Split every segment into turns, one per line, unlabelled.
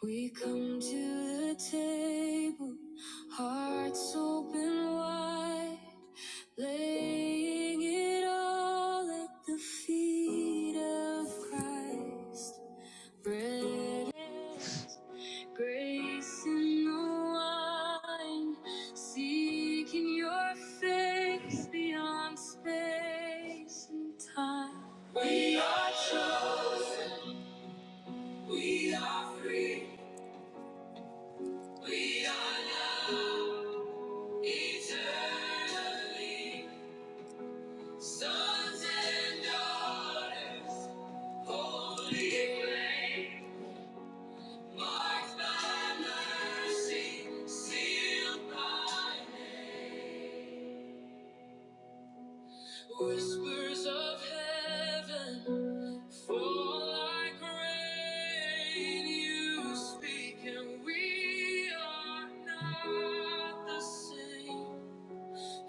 We come to the table, hearts open wide, laying it all at the feet of Christ. Bread and grace in the wine, seeking your face beyond space and time. We are chosen, we are free. We are now eternally sons and daughters, holy flame, marked by mercy, sealed by name. Whispers of heaven fall like rain. You speak, and we are not the same.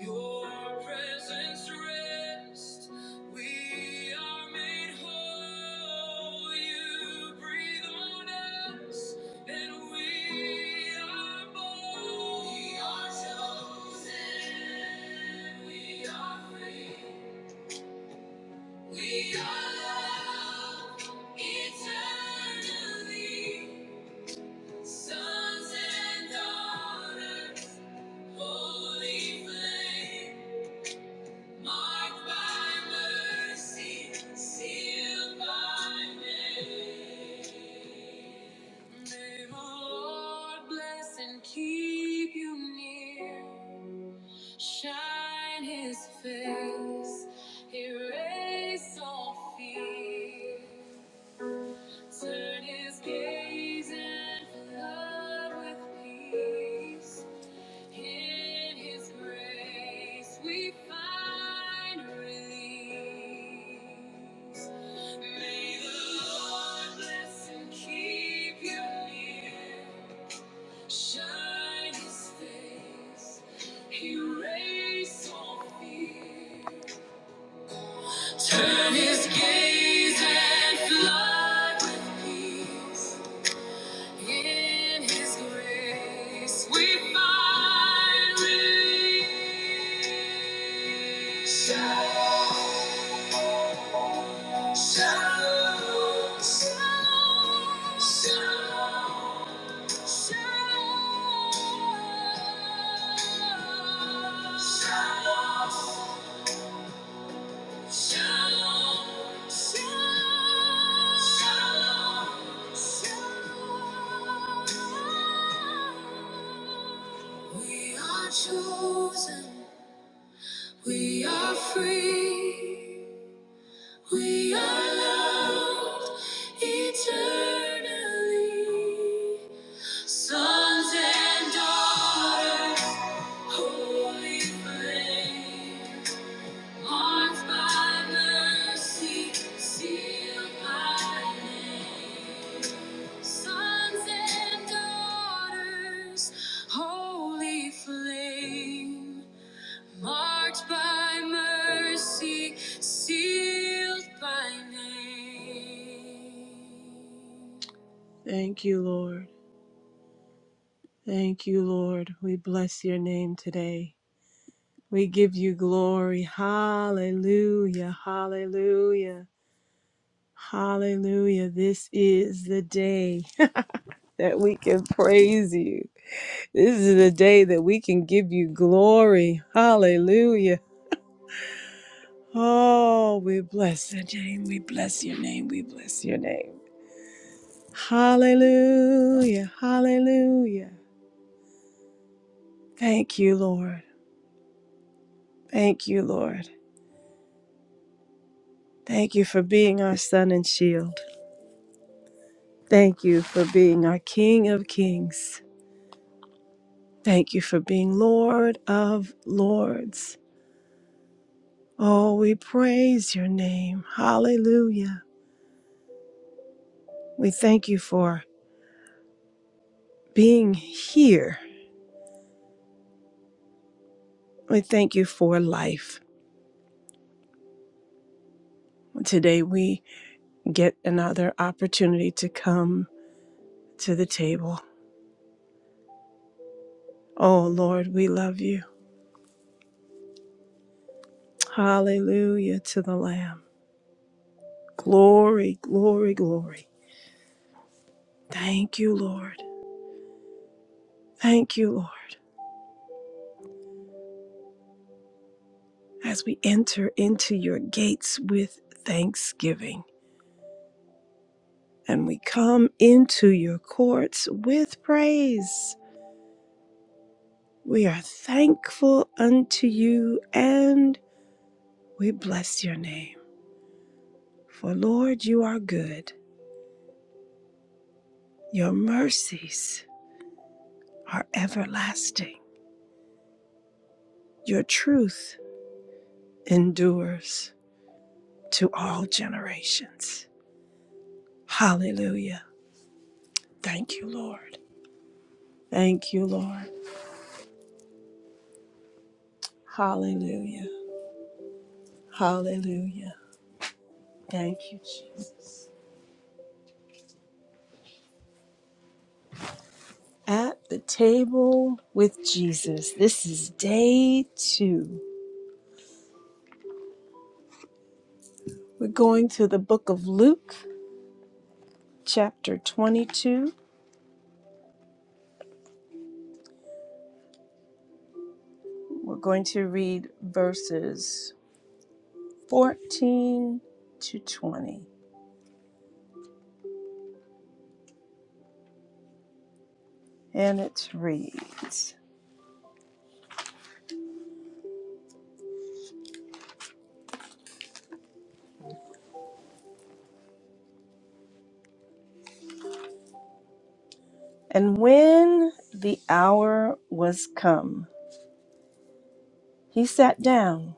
Your presence rest. We are made whole. You breathe on us, and we are born. We are chosen. We are free. We are loved eternally. Sons and daughters, holy flame. Marked by mercy, sealed by name. May the Lord bless and keep you near. Shine His face, erase all fear. Turn His gaze and flood with peace. In His grace we find release. May the Lord bless and keep you near. Shine His face, erase all fear. Turn His gaze and flood with peace. In His grace we find relief. Shalom, shalom, shalom, shalom, shalom. Shalom. Shalom, shalom, shalom, shalom. We are chosen, we are free, we are loved eternally. Sons and daughters, holy flame. Marked by mercy, sealed by name. Sons and daughters, holy flame. Marked by mercy, sealed by name. Thank you, Lord. Thank you, Lord. We bless your name today. We give you glory. Hallelujah. Hallelujah. Hallelujah. This is the day that we can praise you. This is the day that we can give you glory. Hallelujah. Oh, we bless your name. We bless your name. We bless your name. Hallelujah. Hallelujah. Thank you, Lord. Thank you, Lord. Thank you for being our sun and shield. Thank you for being our King of kings. Thank you for being Lord of lords. Oh, we praise your name. Hallelujah. We thank you for being here. We thank you for life. Today we get another opportunity to come to the table. Oh, Lord, we love you. Hallelujah to the Lamb. Glory, glory, glory. Thank you, Lord. Thank you, Lord, as we enter into your gates with thanksgiving. and we come into your courts with praise. We are thankful unto you and we bless your name. For Lord, you are good. Your mercies are everlasting. Your truth endures to all generations. Hallelujah. Thank you, Lord. Thank you, Lord. Hallelujah. Hallelujah. Thank you, Jesus. At the table with Jesus. This is day two. We're going to the book of Luke, chapter 22. We're going to read verses 14 to 20. And it reads And when the hour was come, he sat down,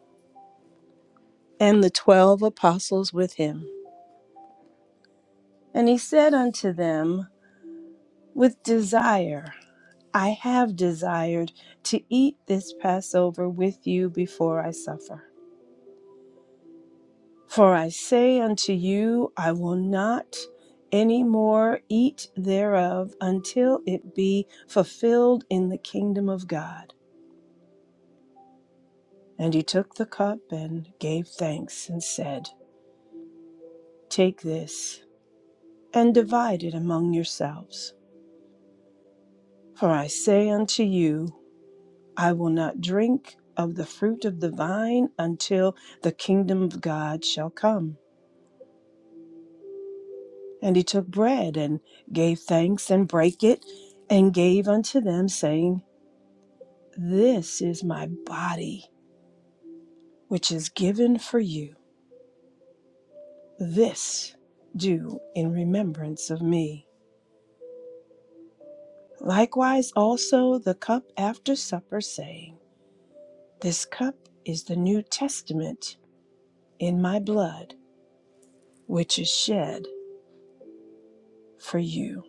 and the twelve apostles with him. And he said unto them, With desire. I have desired to eat this Passover with you before I suffer. For I say unto you, I will not any more eat thereof until it be fulfilled in the kingdom of God. And he took the cup and gave thanks and said, Take this and divide it among yourselves. For I say unto you, I will not drink of the fruit of the vine until the kingdom of God shall come. And he took bread and gave thanks and brake it and gave unto them, saying, This is my body, which is given for you. This do in remembrance of me. Likewise also the cup after supper, saying, This cup is the New Testament in my blood, which is shed for you.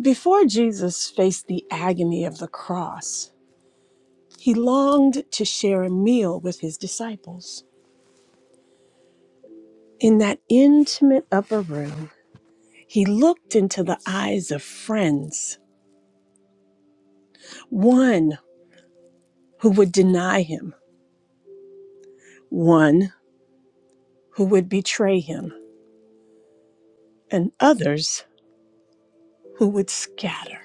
Before Jesus faced the agony of the cross, He longed to share a meal with his disciples. In that intimate upper room, he looked into the eyes of friends one who would deny him, one who would betray him, and others who would scatter.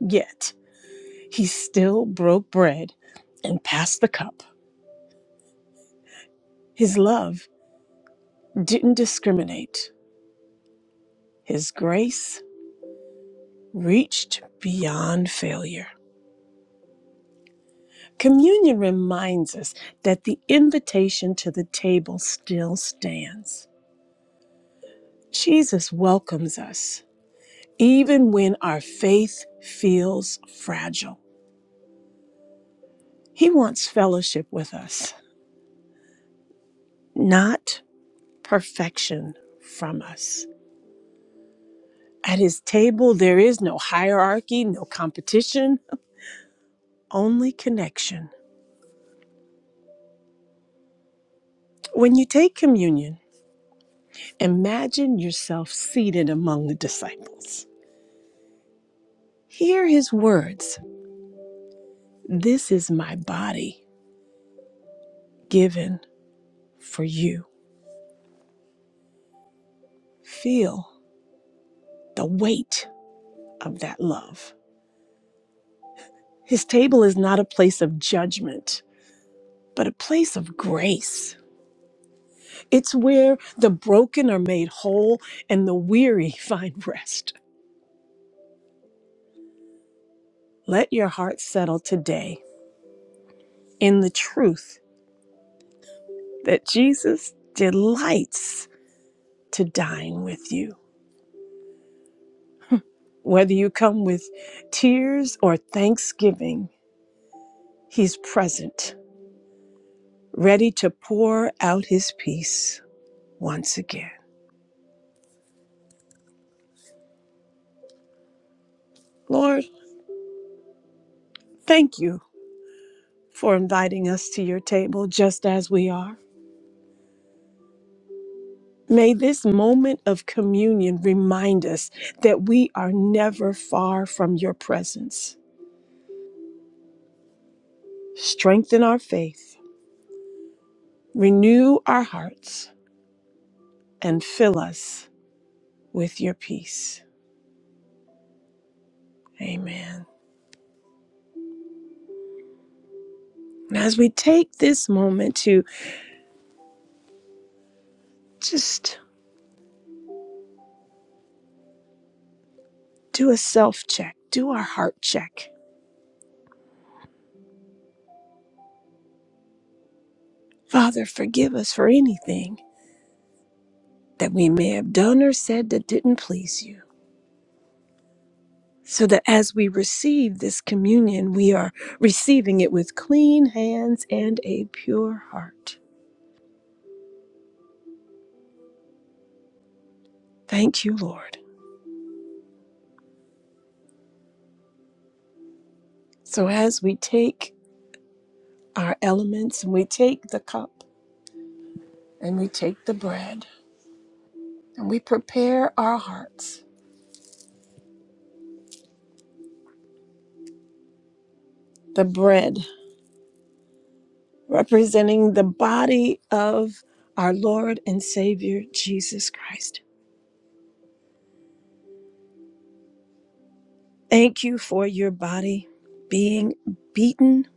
Yet he still broke bread and passed the cup. His love didn't discriminate, his grace reached beyond failure. Communion reminds us that the invitation to the table still stands. Jesus welcomes us, even when our faith feels fragile. He wants fellowship with us, not perfection from us. At his table, there is no hierarchy, no competition, only connection. When you take communion, imagine yourself seated among the disciples. Hear his words This is my body given for you. Feel the weight of that love. His table is not a place of judgment, but a place of grace. It's where the broken are made whole and the weary find rest. Let your heart settle today in the truth that Jesus delights to dine with you. Whether you come with tears or thanksgiving, He's present ready to pour out his peace once again. Lord, thank you for inviting us to your table just as we are. May this moment of communion remind us that we are never far from your presence. Strengthen our faith, renew our hearts, and fill us with your peace. Amen. And As we take this moment to just do a self check, do our heart check Father, forgive us for anything that we may have done or said that didn't please you, so that as we receive this communion, we are receiving it with clean hands and a pure heart. Thank you, Lord. So as we take our elements and we take the cup and we take the bread and we prepare our hearts, the bread representing the body of our Lord and Savior Jesus Christ Thank you for your body being beaten,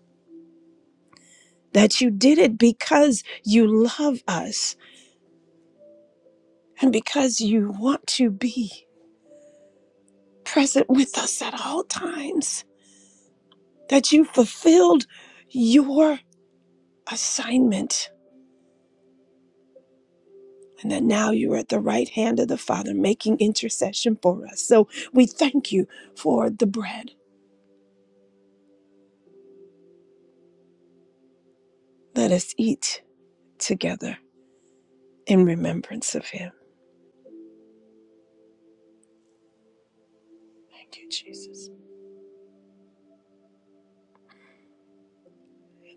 that you did it because you love us and because you want to be present with us at all times, that you fulfilled your assignment. And that now you are at the right hand of the Father making intercession for us. So we thank you for the bread. Let us eat together in remembrance of Him. Thank you, Jesus.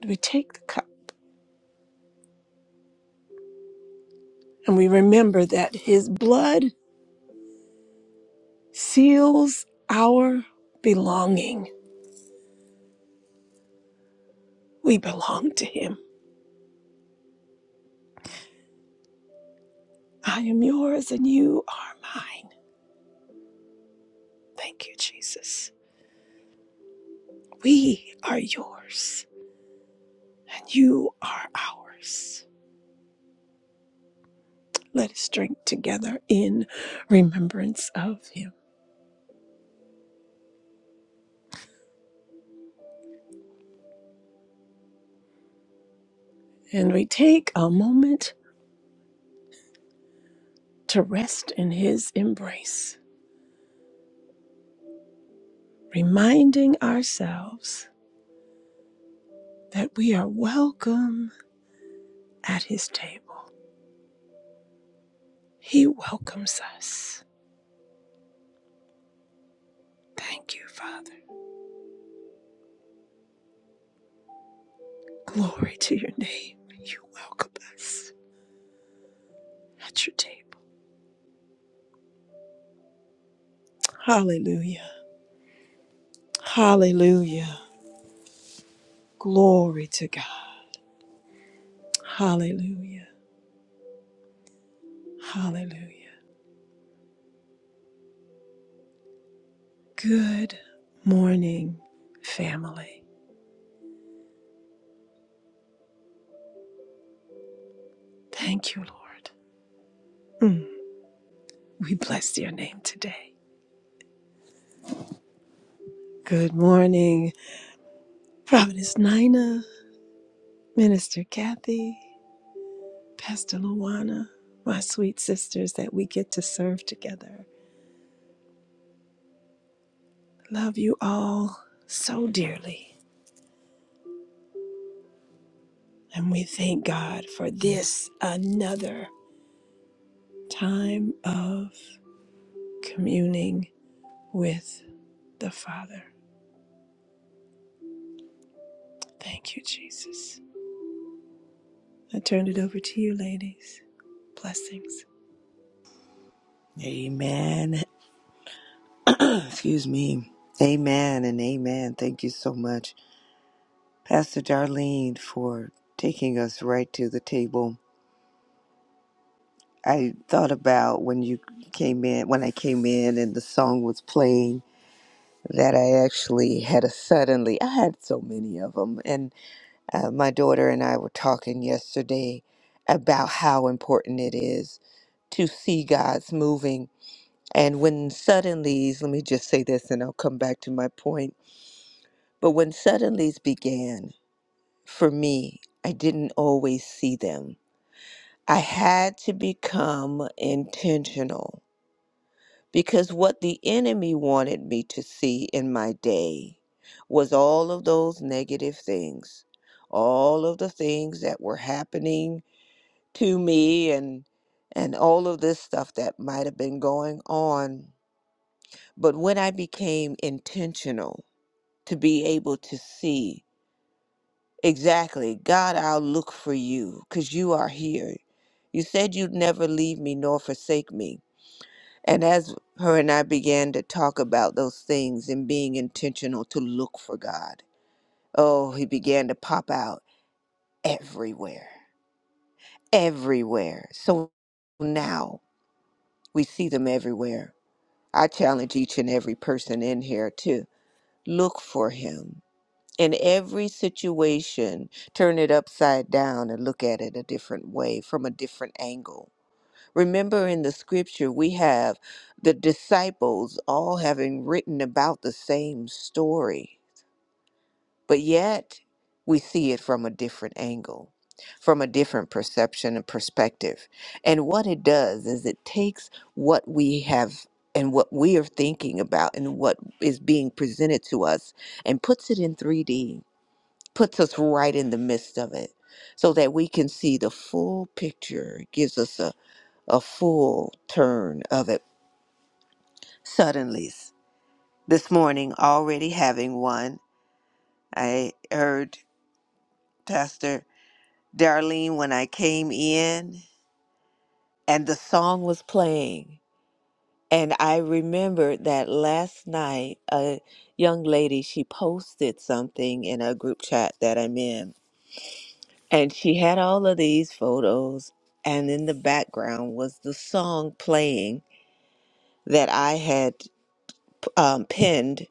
And we take the cup. And we remember that his blood seals our belonging. We belong to him. I am yours and you are mine. Thank you, Jesus. We are yours and you are ours. Let us drink together in remembrance of him. And we take a moment to rest in his embrace, reminding ourselves that we are welcome at his table. He welcomes us. Thank you, Father. Glory to your name. You welcome us at your table. Hallelujah. Hallelujah. Glory to God. Hallelujah. Hallelujah. Good morning, family. Thank you, Lord. Mm, we bless your name today. Good morning, Providence Nina, Minister Kathy. Pastor Luana, my sweet sisters, that we get to serve together. Love you all so dearly. And we thank God for this another time of communing with the Father. Thank you, Jesus. I turn it over to you, ladies. Blessings.
Amen. Excuse me. Amen and amen. Thank you so much, Pastor Darlene, for taking us right to the table. I thought about when you came in, when I came in and the song was playing, that I actually had a suddenly, I had so many of them. And uh, my daughter and I were talking yesterday about how important it is to see God's moving. And when suddenly, let me just say this and I'll come back to my point But when suddenlies began, for me, I didn't always see them. I had to become intentional because what the enemy wanted me to see in my day was all of those negative things, all of the things that were happening to me and and all of this stuff that might have been going on. But when I became intentional to be able to see Exactly. God, I'll look for you because you are here. You said you'd never leave me nor forsake me. And as her and I began to talk about those things and being intentional to look for God, oh, he began to pop out everywhere, everywhere. So now we see them everywhere. I challenge each and every person in here to look for him in every situation, turn it upside down and look at it a different way from a different angle. Remember in the scripture, we have the disciples all having written about the same story, but yet we see it from a different angle, from a different perception and perspective. And what it does is it takes what we have. And what we are thinking about and what is being presented to us, and puts it in 3D puts us right in the midst of it so that we can see the full picture, It gives us a, a full turn of it. Suddenly, this morning, already having one, I heard Pastor Darlene when I came in, and the song was playing. And I remembered that last night, a young lady, she posted something in a group chat that I'm in And she had all of these photos, and in the background was the song playing that I had um, pinned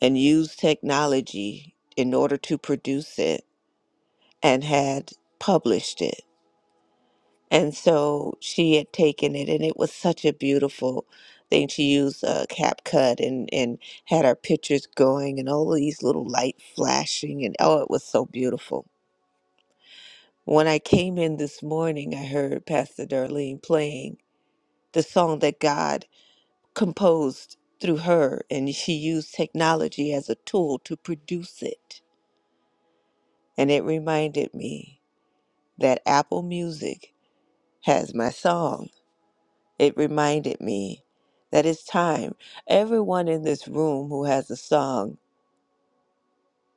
and used technology in order to produce it and had published it. And so she had taken it, and it was such a beautiful thing. She used a cap and, and had our pictures going, and all of these little light flashing, and oh, it was so beautiful. When I came in this morning, I heard Pastor Darlene playing the song that God composed through her, and she used technology as a tool to produce it. And it reminded me that Apple Music has my song. It reminded me that it's time. Everyone in this room who has a song,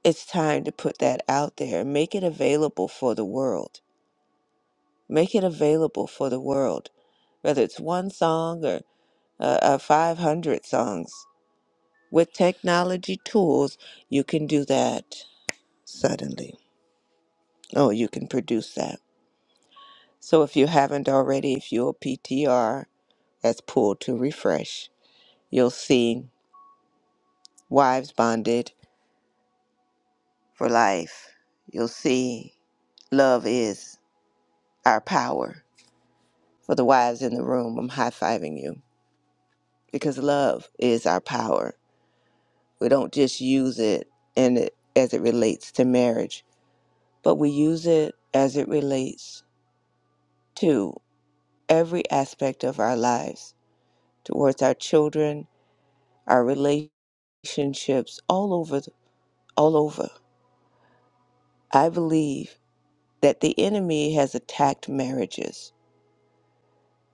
it's time to put that out there and make it available for the world. Make it available for the world, whether it's one song or uh, uh, 500 songs With technology tools, you can do that suddenly. Oh, you can produce that. So if you haven't already, if you'll PTR as pull to refresh, you'll see wives bonded for life. You'll see love is our power. For the wives in the room, I'm high fiving you because love is our power. We don't just use it in it as it relates to marriage, but we use it as it relates to. every aspect of our lives towards our children, our relationships, all over all over. I believe that the enemy has attacked marriages.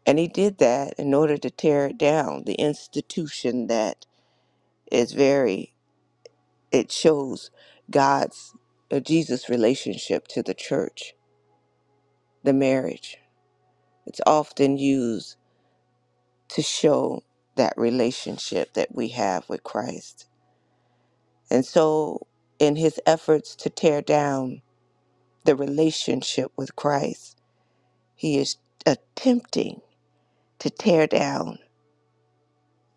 And he did that in order to tear it down, the institution that is very it shows God's or Jesus' relationship to the church, the marriage. It's often used to show that relationship that we have with Christ. And so, in his efforts to tear down the relationship with Christ, he is attempting to tear down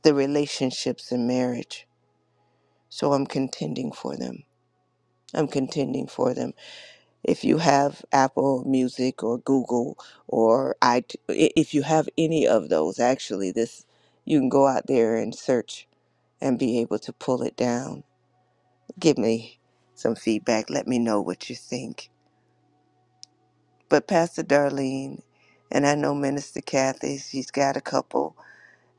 the relationships in marriage. So, I'm contending for them. I'm contending for them. If you have Apple Music or Google or I, if you have any of those, actually, this you can go out there and search and be able to pull it down. Give me some feedback. Let me know what you think But Pastor Darlene, and I know Minister Kathy, she's got a couple,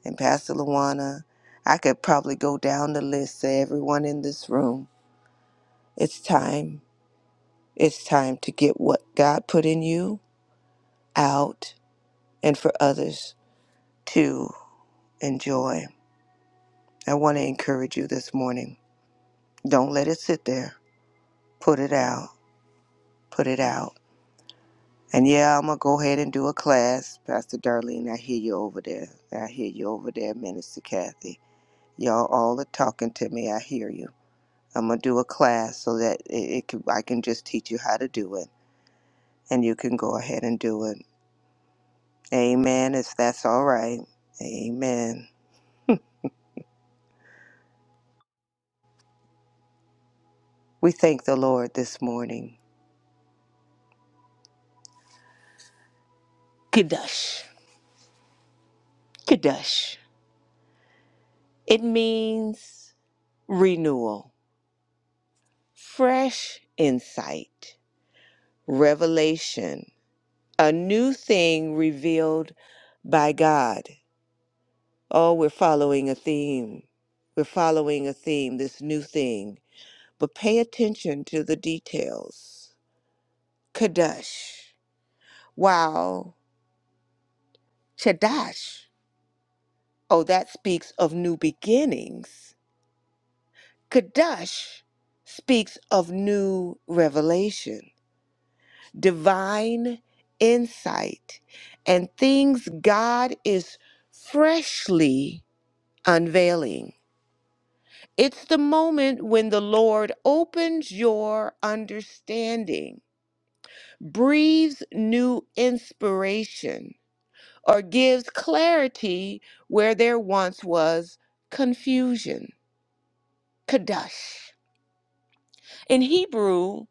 and Pastor Luana, I could probably go down the list Say everyone in this room. It's time. It's time to get what God put in you out and for others to enjoy. I want to encourage you this morning. Don't let it sit there. Put it out. Put it out. And yeah, I'm going to go ahead and do a class. Pastor Darlene, I hear you over there. I hear you over there, Minister Kathy. Y'all all are talking to me. I hear you. I'm gonna do a class so that it, it can, I can just teach you how to do it, and you can go ahead and do it. Amen. If that's all right. Amen. We thank the Lord this morning. Kadosh. Kadosh. It means renewal, fresh insight, revelation, a new thing revealed by God. Oh, we're following a theme. We're following a theme, this new thing. But pay attention to the details. Kadesh. Wow. Shadash. Oh, that speaks of new beginnings. Kadesh speaks of new revelation, divine insight, and things God is freshly unveiling. It's the moment when the Lord opens your understanding, breathes new inspiration, or gives clarity where there once was confusion. Kadosh. In Hebrew,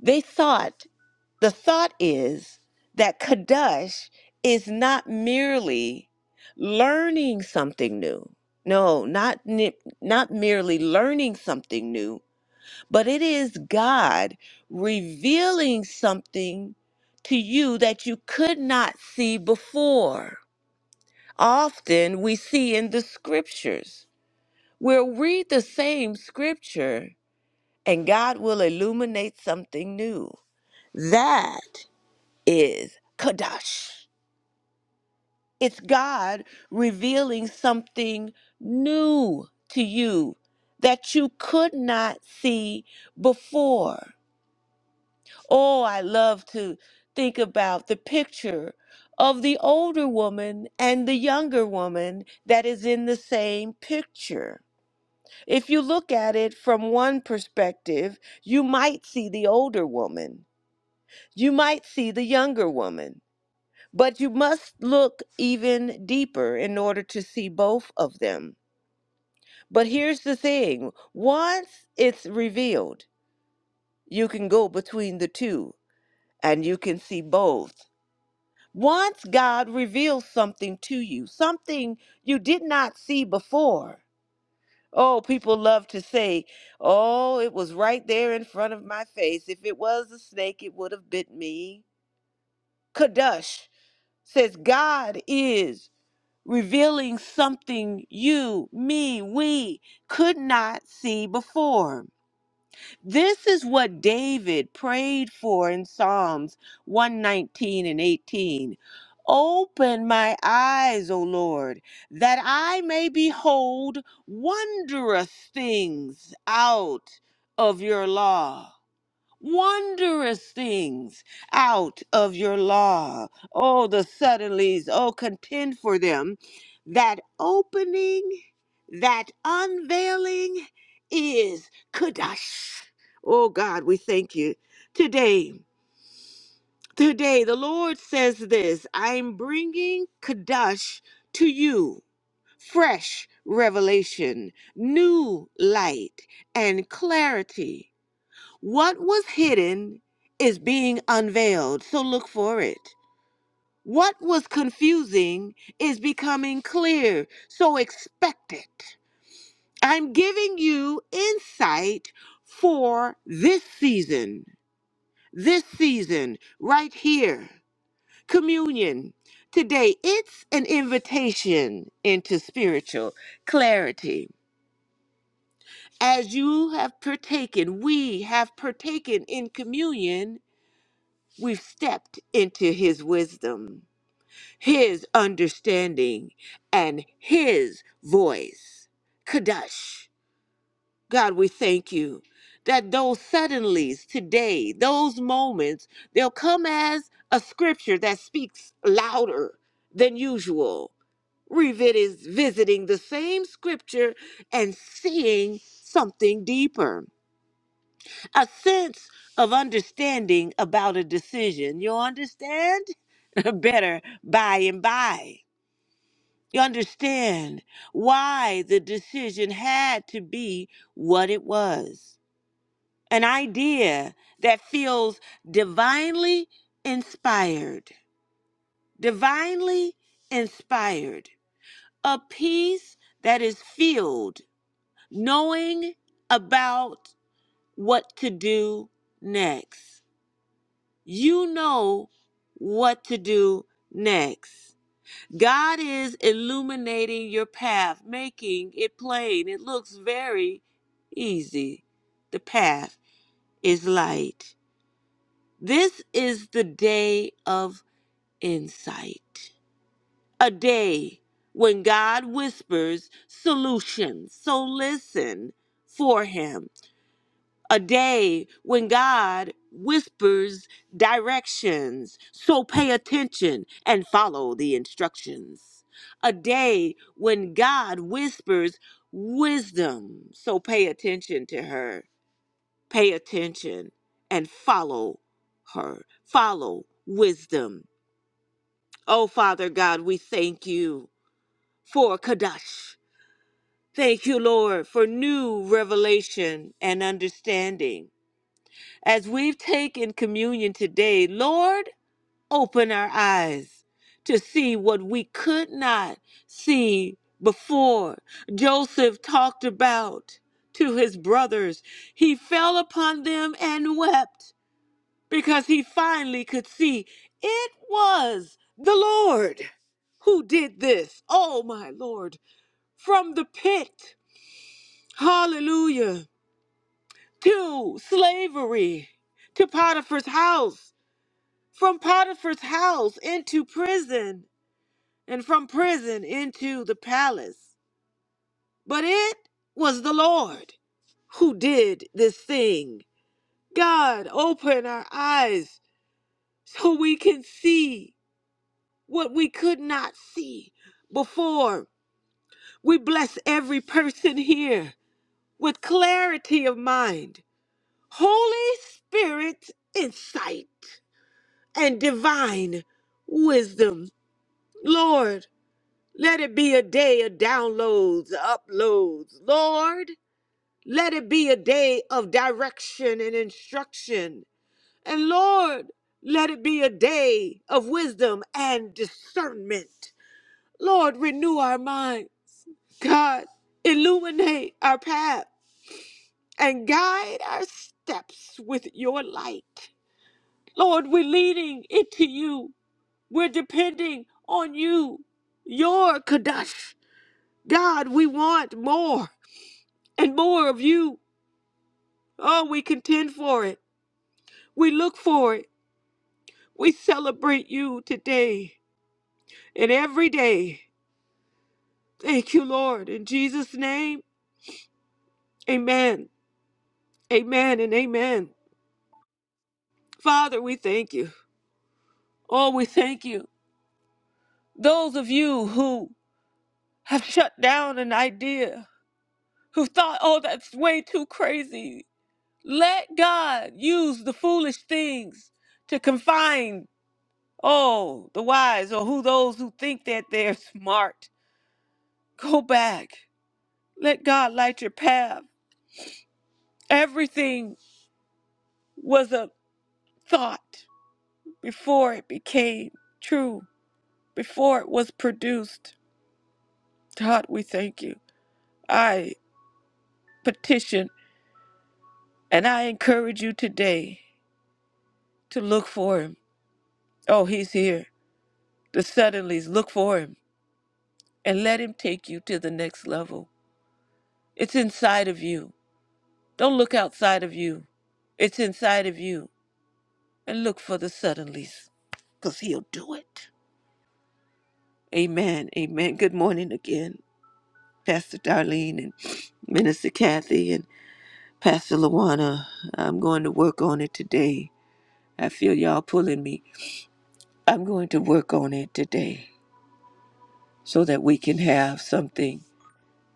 they thought, the thought is that Kadosh is not merely learning something new. No, not, ni- not merely learning something new, but it is God revealing something to you that you could not see before. Often we see in the scriptures. We'll read the same scripture and God will illuminate something new. That is Kadash. It's God revealing something new to you that you could not see before. Oh, I love to think about the picture of the older woman and the younger woman that is in the same picture. If you look at it from one perspective, you might see the older woman, you might see the younger woman, but you must look even deeper in order to see both of them. But here's the thing once it's revealed, you can go between the two and you can see both Once God reveals something to you, something you did not see before. Oh, people love to say, oh, it was right there in front of my face. If it was a snake, it would have bit me. Kadush says, God is revealing something you, me, we could not see before. This is what David prayed for in Psalms 119 and 18. Open my eyes, O Lord, that I may behold wondrous things out of your law wondrous things out of your law. Oh, the suddenlies, oh, contend for them. That opening, that unveiling is Kadash. Oh, God, we thank you. Today, today, the Lord says this I'm bringing Kadash to you. Fresh revelation, new light, and clarity what was hidden is being unveiled, so look for it. What was confusing is becoming clear, so expect it. I'm giving you insight for this season, this season, right here. Communion. Today, it's an invitation into spiritual clarity. As you have partaken, we have partaken in communion We've stepped into his wisdom, his understanding, and his voice. Kadosh. God, we thank you that those suddenlies today, those moments, they'll come as a scripture that speaks louder than usual. Revit is visiting the same scripture and seeing something deeper, a sense of understanding about a decision. You understand? better by and by. You understand why the decision had to be what it was. An idea that feels divinely inspired, divinely inspired. A peace that is filled knowing about what to do next. You know what to do next. God is illuminating your path, making it plain. It looks very easy. The path is light. This is the day of insight, a day when God whispers solutions. So listen for Him a day when God whispers directions. So pay attention and follow the instructions. A day when God whispers wisdom. So pay attention to her. Pay attention and follow her. Follow wisdom. Oh, Father God, we thank you for Kadash. Thank you, Lord, for new revelation and understanding. As we've taken communion today, Lord, open our eyes to see what we could not see before. Joseph talked about to his brothers, he fell upon them and wept because he finally could see it was the Lord who did this. Oh, my Lord, from the pit, hallelujah, to slavery, to Potiphar's house. from Potiphar's house into prison, and from prison into the palace. But it was the Lord who did this thing. God, open our eyes so we can see what we could not see before. We bless every person here with clarity of mind, Holy Spirit insight, and divine wisdom. Lord, Let it be a day of downloads, uploads. Lord, let it be a day of direction and instruction. And Lord, let it be a day of wisdom and discernment. Lord, renew our mind. God, illuminate our path and guide our steps with your light. Lord, we're leaning into you. We're depending on you, your Kadosh. God, we want more. and more of you. Oh, we contend for it. We look for it. We celebrate you today and every day. Thank you, Lord. In Jesus' name, amen. Amen and amen. Father, we thank you. Oh, we thank you. Those of you who have shut down an idea, who thought, oh, that's way too crazy, let God use the foolish things to confine Oh, the wise, or who those who think that they're smart. Go back. Let God light your path. Everything was a thought before it became true, before it was produced. God, we thank you. I petition and I encourage you today to look for him. Oh, he's here. The suddenlies, look for him and let him take you to the next level. It's inside of you. Don't look outside of you. It's inside of you. And look for the suddenlies, because he'll do it. Amen. Amen. Good morning again, Pastor Darlene and Minister Kathy and Pastor Luana. I'm going to work on it today. I feel y'all pulling me. I'm going to work on it today so that we can have something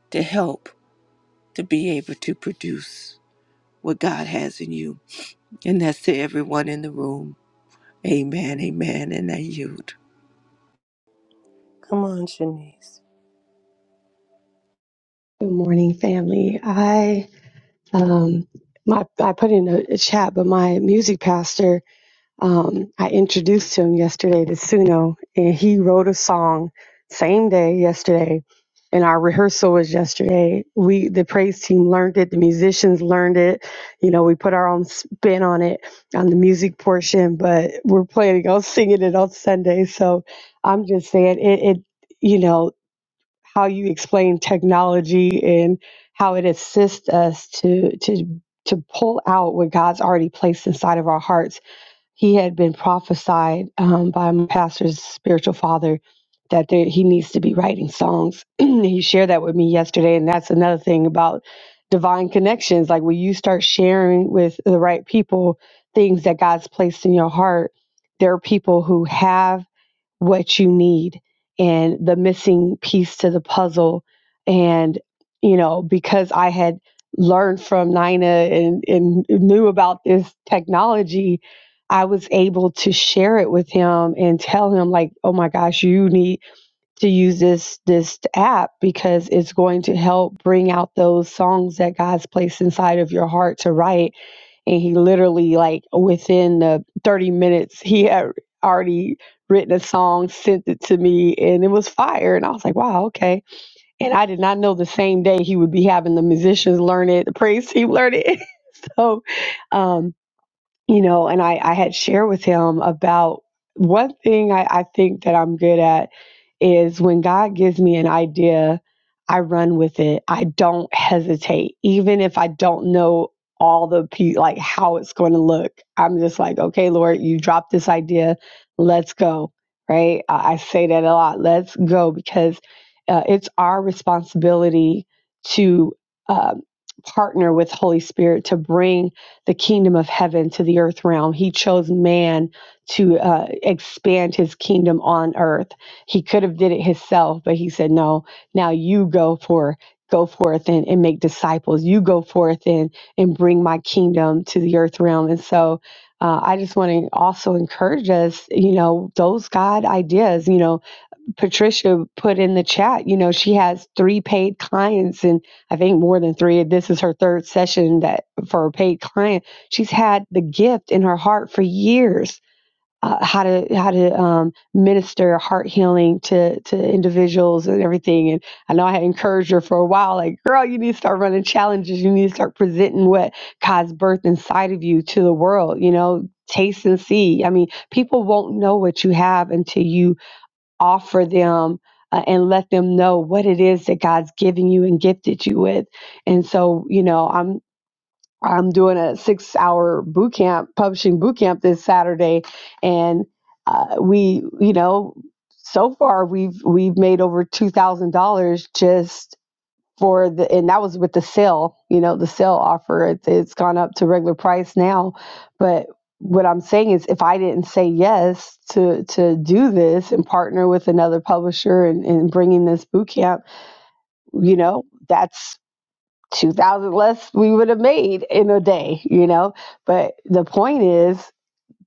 to help to be able to produce what God has in you. And that's to everyone in the room. Amen. Amen. And I yield.
Come on, Shanice.
Good morning, family. I um my I put in a, a chat, but my music pastor, um, I introduced him yesterday to Suno, and he wrote a song same day yesterday. And our rehearsal was yesterday. We the praise team learned it, the musicians learned it. You know, we put our own spin on it on the music portion, but we're planning on singing it on Sunday. So I'm just saying it. it you know how you explain technology and how it assists us to to to pull out what God's already placed inside of our hearts. He had been prophesied um, by my pastor's spiritual father that there, he needs to be writing songs. he shared that with me yesterday, and that's another thing about divine connections. Like when you start sharing with the right people things that God's placed in your heart, there are people who have what you need and the missing piece to the puzzle. And, you know, because I had learned from Nina and, and knew about this technology, I was able to share it with him and tell him like, oh my gosh, you need to use this this app because it's going to help bring out those songs that God's placed inside of your heart to write and he literally like within the 30 minutes he had already written a song sent it to me and it was fire and i was like wow okay and i did not know the same day he would be having the musicians learn it the praise team learn it so um, you know, and I, I had shared with him about one thing I, I think that I'm good at is when God gives me an idea, I run with it. I don't hesitate, even if I don't know all the pe- like how it's going to look. I'm just like, okay, Lord, you dropped this idea, let's go. Right? I, I say that a lot. Let's go because uh, it's our responsibility to um, partner with Holy Spirit to bring the kingdom of heaven to the earth realm. He chose man to uh, expand his kingdom on earth. He could have did it himself, but he said, "No. Now you go for." Go forth and, and make disciples. You go forth and and bring my kingdom to the earth realm. And so, uh, I just want to also encourage us. You know, those God ideas. You know, Patricia put in the chat, you know, she has three paid clients and I think more than three. This is her third session that for a paid client. She's had the gift in her heart for years. Uh, how to how to um, minister heart healing to to individuals and everything and I know I had encouraged her for a while like girl you need to start running challenges you need to start presenting what God's birth inside of you to the world you know taste and see I mean people won't know what you have until you offer them uh, and let them know what it is that God's given you and gifted you with. And so, you know, I'm I'm doing a six hour boot camp, publishing boot camp this Saturday, and uh, we, you know, so far we've we've made over two thousand dollars just for the and that was with the sale you know the sale offer it, it's gone up to regular price now but what i'm saying is if i didn't say yes to to do this and partner with another publisher and, and bringing this boot camp you know that's 2000 less we would have made in a day you know but the point is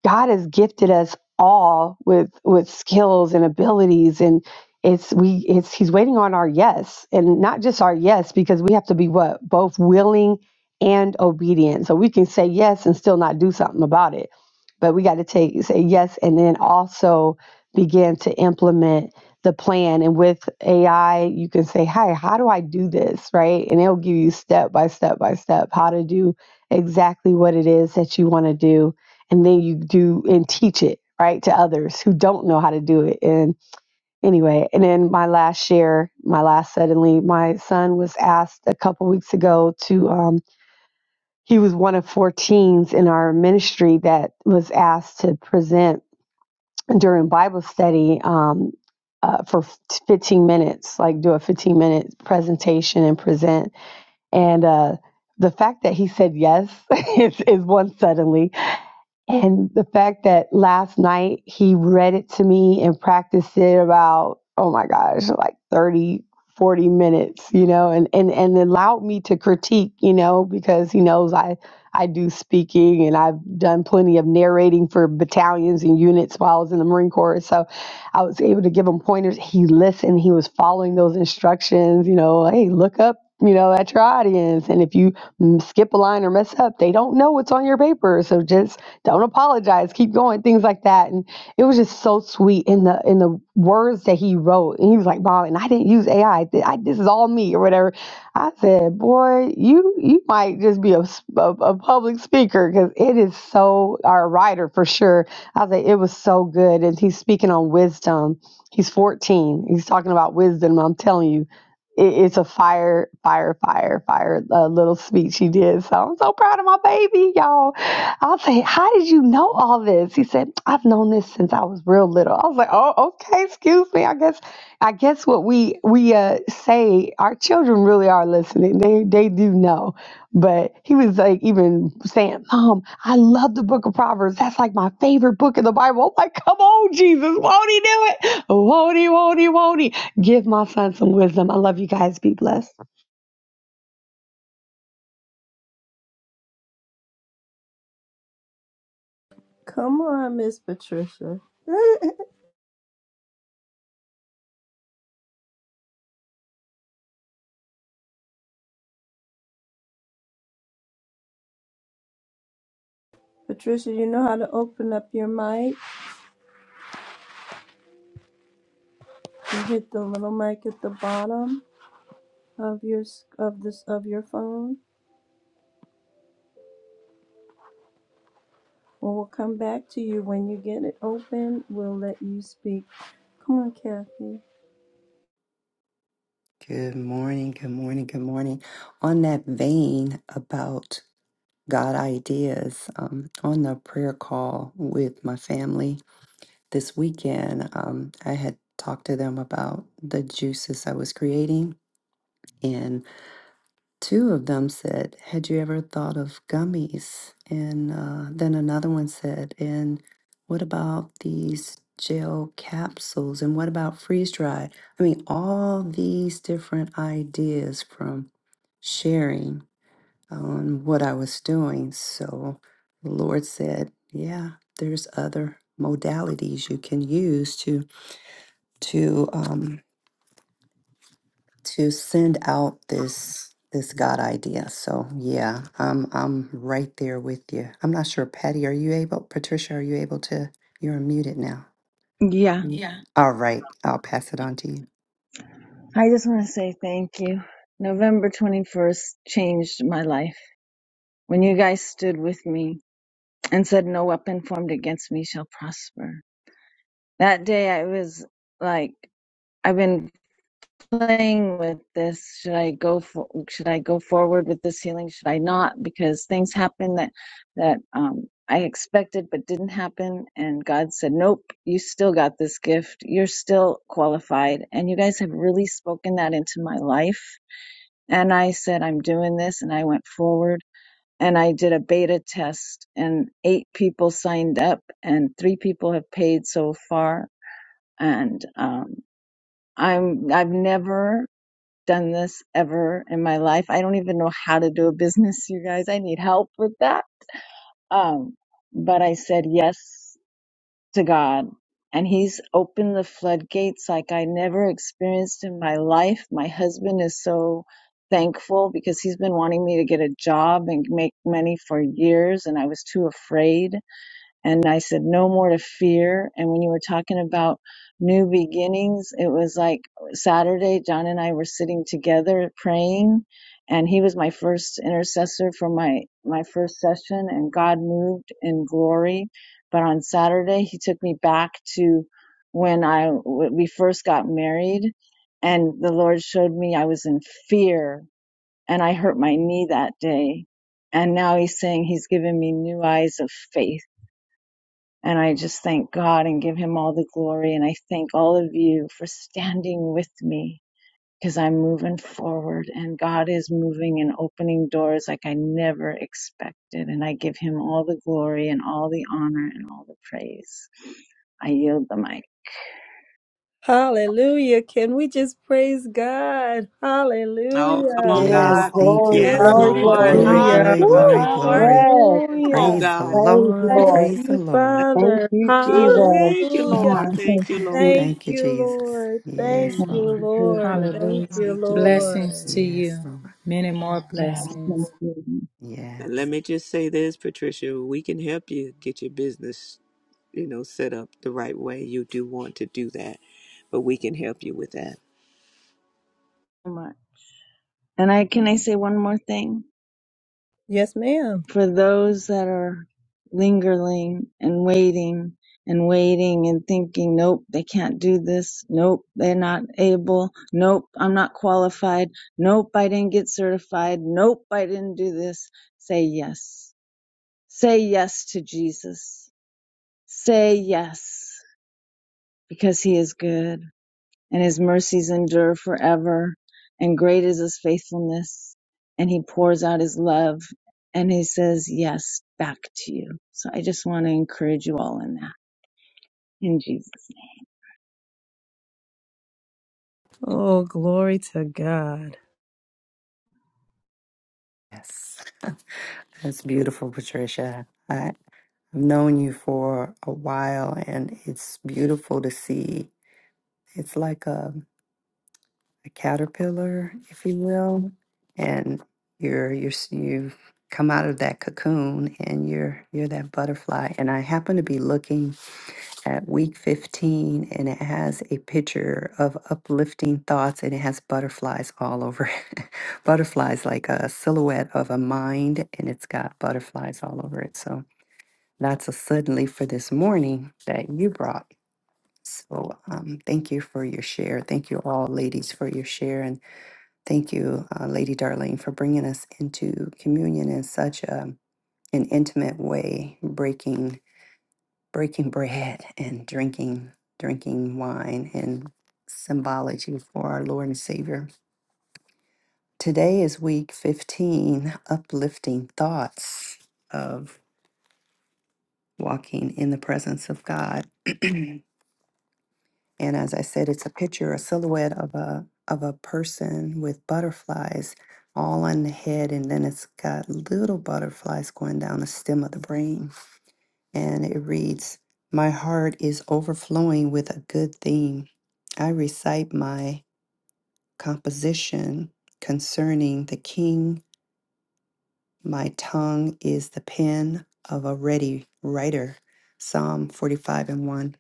God has gifted us all with with skills and abilities and it's we it's he's waiting on our yes and not just our yes because we have to be what both willing and obedient. So we can say yes and still not do something about it. But we got to take say yes and then also begin to implement the plan and with AI you can say, "Hi, how do I do this?" right? And it'll give you step by step by step how to do exactly what it is that you want to do and then you do and teach it right to others who don't know how to do it and anyway and then my last share my last suddenly my son was asked a couple weeks ago to um he was one of four teens in our ministry that was asked to present during bible study um uh, for 15 minutes like do a 15 minute presentation and present and uh the fact that he said yes is, is one suddenly and the fact that last night he read it to me and practiced it about, oh my gosh, like 30 40 minutes, you know, and, and, and allowed me to critique, you know, because he knows I, I do speaking and I've done plenty of narrating for battalions and units while I was in the Marine Corps. So I was able to give him pointers. He listened. He was following those instructions. You know, hey, look up. You know, at your audience, and if you mm, skip a line or mess up, they don't know what's on your paper. So just don't apologize. Keep going. Things like that, and it was just so sweet. In the in the and the words that he wrote, and he was like, "Bob," and I didn't use AI. Th- I, this is all me or whatever. I said, "Boy, you you might just be a, s- a- a public speaker because it is so or a writer for sure." I was like, "It was so good," and he's speaking on wisdom. He's 14. He's talking about wisdom. I'm telling you it, it's a fire, fire, fire, fire uh, little speech he did. So I'm so proud of my baby, y'all. I'll say, how did you know all this? He said, I've known this since I was real little. I was like, oh, okay, excuse me. I guess, I guess what we we uh, say, our children really are listening. They they do know. But he was like even saying, Mom, I love the book of Proverbs. That's like my favorite book in the Bible. I'm like, come on, Jesus, won't he do it? Won't he, won't he, won't he? Give my son some wisdom. I love you guys. Be blessed.
Come on, Miss Patricia. Patricia, you know how to open up your mic. You hit the little mic at the bottom. of your s- of this of your phone. Well, we'll come back to you when you get it open. We'll let you speak. Come on, Kathy.
Good morning, good morning, good morning. On that vein about God ideas, um, on the prayer call with my family this weekend, um, I had talked to them about the juices I was creating two of them said, Had you ever thought of gummies? And uh, then another one said, And what about these gel capsules? And what about freeze dried? I mean, all these different ideas from sharing on what I was doing. So the Lord said, Yeah, there's other modalities you can use to to um, to send out this this God idea. So yeah, I'm I'm right there with you. I'm not sure, Patty, are you able? Patricia, are you able to? You're muted now.
Yeah,
Mm. Yeah. All right, I'll pass it on to you.
I just want to say thank you. November 21st changed my life. When you guys stood with me and said, No weapon formed against me shall prosper. That day I was like, I've been playing with this. Should I go for, should I go forward with this healing? Should I not? Because things happened that, that, um, I expected but didn't happen and God said, "Nope, you still got this gift. You're still qualified." And you guys have really spoken that into my life And I said, I'm doing this. And I went forward and I did a beta test and eight people signed up and three people have paid so far. And, um, I'm, I've never done this ever in my life. I don't even know how to do a business, you guys. I need help with that. Um, but I said yes to God. And he's opened the floodgates like I never experienced in my life. My husband is so thankful because he's been wanting me to get a job and make money for years, and I was too afraid and I said, no more to fear. And when you were talking about new beginnings, it was like Saturday, John and I were sitting together praying and he was my first intercessor for my, my first session and God moved in glory. But on Saturday, he took me back to when I, when we first got married and the Lord showed me I was in fear and I hurt my knee that day. And now he's saying he's given me new eyes of faith and I just thank God and give him all the glory. And I thank all of you for standing with me because I'm moving forward and God is moving and opening doors like I never expected. And I give him all the glory and all the honor and all the praise. I yield the mic.
Hallelujah. Can we just praise God?
Oh, come on,
Hallelujah.
Amen.
Yes,
God.
thank you,
Thank
Yes,
you,
Lord.
Thank
Lord.
Glory.
you,
Glory,
Lord.
Jesus.
Hallelujah.
glory,
Hallelujah,
glory,
Lord.
Yes,
glory.
Come on,
Hallelujah.
Praise the
God.
Lord.
Lord.
Thank
Praise
you,
the Lord.
Thank
Father.
you,
Woo.
Jesus.
Thank you,
Hallelujah.
Ah,
Lord.
thank
Thank you,
you,
Lord.
Jesus.
Thank
thank you,
you,
Jesus.
Lord. Thank
Yes,
Thank
Mm,
you,
you,
Lord.
Lord.
Jesus.
Thank
Yes,
Hallelujah.
you,
God.
thank you, Lord.
Blessings
Lord.
to
Yes,
you.
Lord.
Many more
Yes, thank
blessings.
you
Yes.
And let me just say this, Patricia, we can help you get your business, you know, set up the right way. You do want to do that, but we can help you with that.
so much. And I can I say one more thing?
Yes, ma'am.
for those that are lingering and waiting and waiting and thinking, nope, they can't do this. Nope, they're not able. Nope, I'm not qualified. Nope, I didn't get certified. Nope, I didn't do this. Say yes. Say yes to Jesus. Say yes because he is good and his mercies endure forever, and great is his faithfulness. And he pours out his love and he says, Yes, back to you. So I just want to encourage you all in that, in Jesus.
Oh, glory to God.
Yes. That's beautiful, Patricia. I've known you for a while and it's beautiful to see. It's like a, a caterpillar, if you will, and you're you're s- you've come out of that cocoon and you're you're that butterfly. And I happen to be looking at week 15 and it has a picture of uplifting thoughts and it has butterflies all over. it. butterflies like a silhouette of a mind and it's got butterflies all over it. So that's a suddenly for this morning that you brought. So um, thank you for your share. Thank you all, ladies, for your share. And thank you, uh, Lady Darlene, for bringing us into communion in such a, an intimate way, breaking breaking bread and drinking drinking wine and symbology for our Lord and Savior. Today is week 15, uplifting thoughts of walking in the presence of God. And as I said, it's a picture, a silhouette of a of a person with butterflies all on the head, and then it's got little butterflies going down the stem of the brain. And it reads, My heart is overflowing with a good theme. I recite my composition concerning the king. My tongue is the pen of a ready writer. Psalm 45 and 1.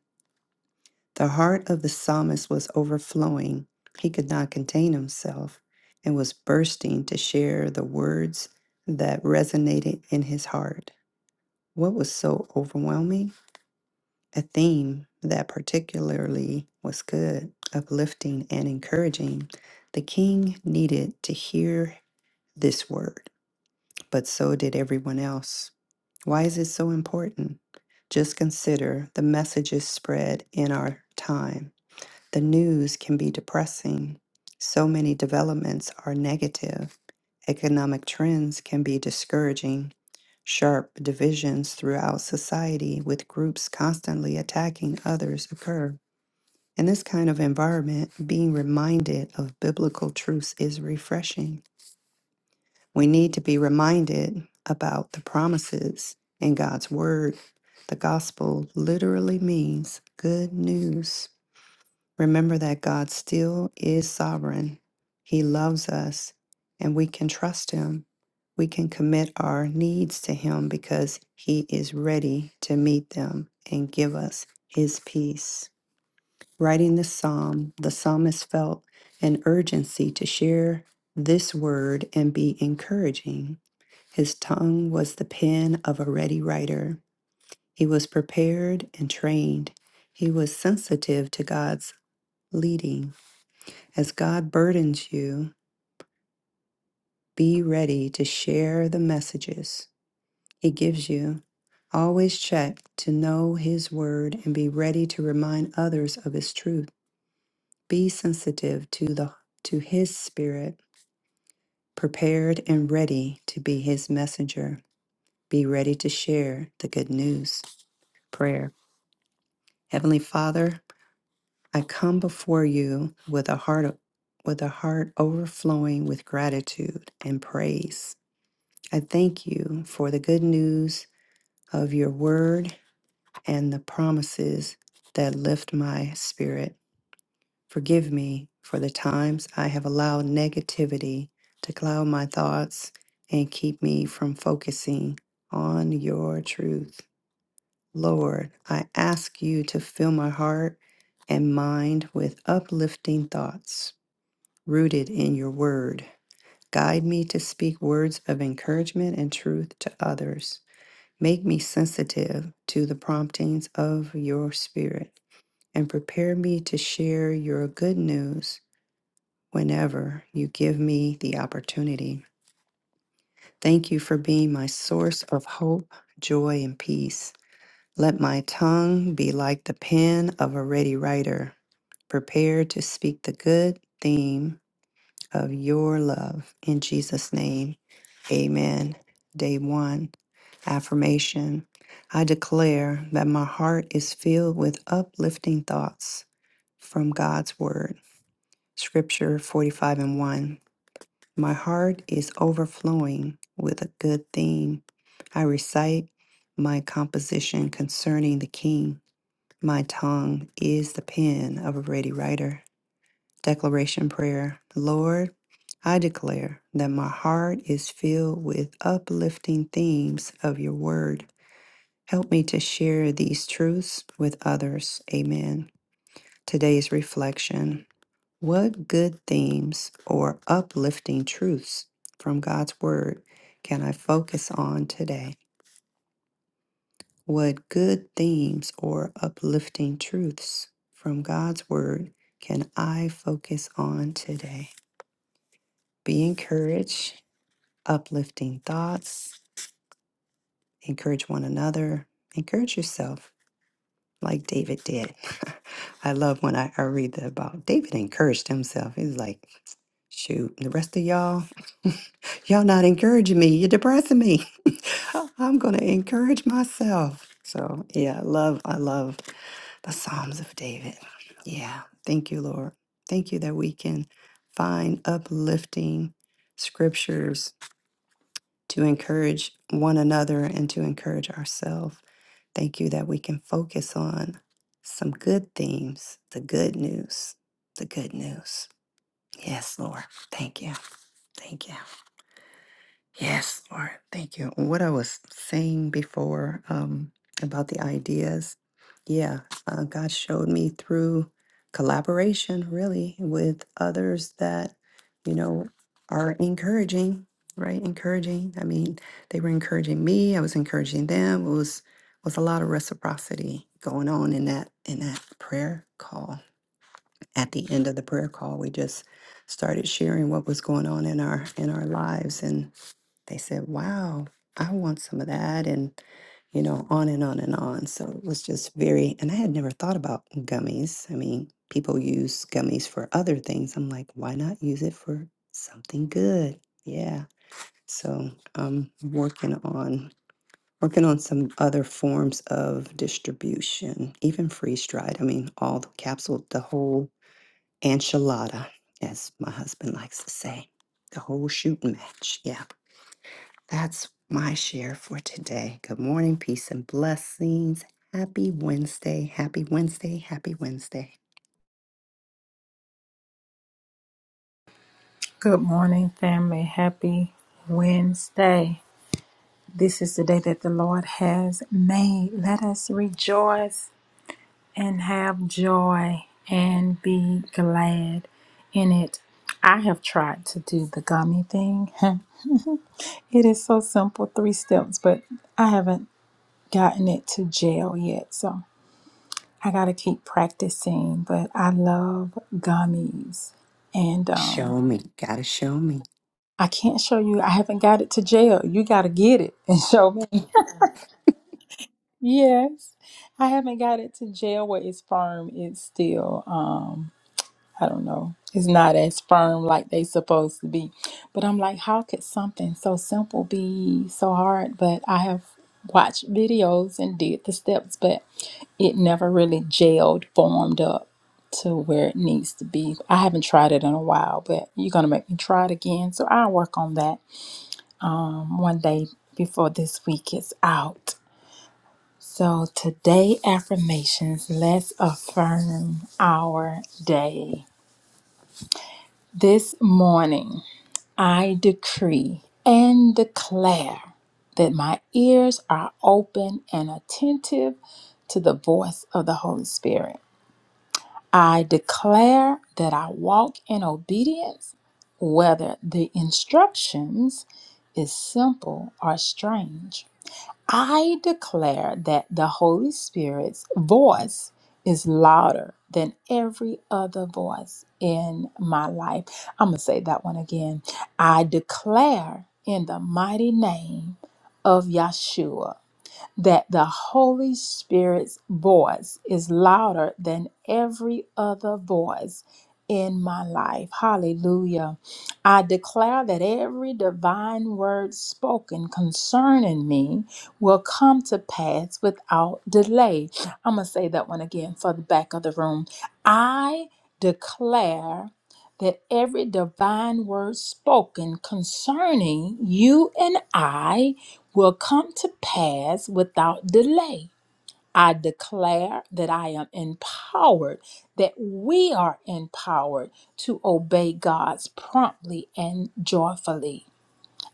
The heart of the psalmist was overflowing. He could not contain himself and was bursting to share the words that resonated in his heart. What was so overwhelming? A theme that particularly was good, uplifting, and encouraging. The king needed to hear this word, but so did everyone else. Why is it so important? Just consider the messages spread in our time the news can be depressing. So many developments are negative. Economic trends can be discouraging. Sharp divisions throughout society, with groups constantly attacking others, occur. In this kind of environment, being reminded of biblical truths is refreshing. We need to be reminded about the promises in God's Word. The gospel literally means good news. Remember that God still is sovereign. He loves us and we can trust Him. We can commit our needs to Him because He is ready to meet them and give us His peace. Writing this psalm, the psalmist felt an urgency to share this word and be encouraging. His tongue was the pen of a ready writer. He was prepared and trained. He was sensitive to God's leading as God burdens you, be ready to share the messages He gives you. Always check to know His word and be ready to remind others of His truth. Be sensitive to the to His Spirit, prepared and ready to be His messenger. Be ready to share the good news. Prayer. Heavenly Father, I come before you with a heart with a heart overflowing with gratitude and praise. I thank you for the good news of your word and the promises that lift my spirit. Forgive me for the times I have allowed negativity to cloud my thoughts and keep me from focusing on your truth. Lord, I ask you to fill my heart and mind with uplifting thoughts rooted in your word. Guide me to speak words of encouragement and truth to others. Make me sensitive to the promptings of your spirit and prepare me to share your good news whenever you give me the opportunity. Thank you for being my source of hope, joy, and peace. Let my tongue be like the pen of a ready writer, prepared to speak the good theme of your love. In Jesus' name, amen. Day one. Affirmation I declare that my heart is filled with uplifting thoughts from God's Word. Scripture 45 and 1. My heart is overflowing with a good theme. I recite my composition concerning the King. My tongue is the pen of a ready writer. Declaration Prayer Lord, I declare that my heart is filled with uplifting themes of your Word. Help me to share these truths with others. Amen. Today's reflection What good themes or uplifting truths from God's Word can I focus on today? What good themes or uplifting truths from God's Word can I focus on today? Be encouraged, uplifting thoughts, encourage one another, encourage yourself. like David did. I love when I, I read that about David encouraged himself. He's like, shoot, the rest of y'all, y'all not encouraging me. You're depressing me. I'm gonna encourage myself. So yeah, I love, I love the Psalms of David. Yeah. Thank you, Lord. Thank you that we can find uplifting scriptures to encourage one another and to encourage ourselves. Thank you that we can focus on some good themes, the good news, the good news. Yes, Lord. Thank you. Thank you. Yes, Lord. Thank you. What I was saying before um, about the ideas, yeah, uh, God showed me through collaboration, really, with others that, you know, are encouraging, right? Encouraging. I mean, they were encouraging me. I was encouraging them. It was was a lot of reciprocity going on in that in that prayer call. At the end of the prayer call, we just started sharing what was going on in our in our lives and they said, Wow, I want some of that. And, you know, on and on and on. So it was just very, and I had never thought about gummies. I mean, people use gummies for other things. I'm like, why not use it for something good? Yeah. So I'm working on working on some other forms of distribution, even freeze dried. I mean, all the capsule, the whole enchilada, as my husband likes to say, the whole shooting match. Yeah. That's my share for today. Good morning, peace and blessings. Happy Wednesday. Happy Wednesday. Happy Wednesday.
Good morning, family. Happy Wednesday. This is the day that the Lord has made. Let us rejoice and have joy and be glad in it. I have tried to do the gummy thing. It is so simple, three steps, but I haven't gotten it to jail yet. So I gotta keep practicing, but I love gummies. And um
Show me. Gotta show me.
I can't show you. I haven't got it to jail. You gotta get it and show me. Yes. I haven't got it to jail where it's firm. It's still. um I don't know. It's not as firm like they supposed to be. But I'm like, how could something so simple be so hard? But I have watched videos and did the steps, but it never really gelled, formed up to where it needs to be. I haven't tried it in a while, but you're gonna make me try it again. So I'll work on that one day before this week is out. So today affirmations, let's affirm our day. This morning. I decree and declare that my ears are open and attentive to the voice of the Holy Spirit. I declare that I walk in obedience, whether the instructions is simple or strange. I declare that the Holy Spirit's voice is louder than every other voice in my life. I'm going to say that one again. I declare in the mighty name of Yeshua that the Holy Spirit's voice is louder than every other voice in my life. Hallelujah. I declare that every divine word spoken concerning me will come to pass without delay. I'm going to say that one again for the back of the room. I declare that every divine word spoken concerning you and I will come to pass without delay. I declare that I am empowered, that we are empowered to obey God's promptly and joyfully.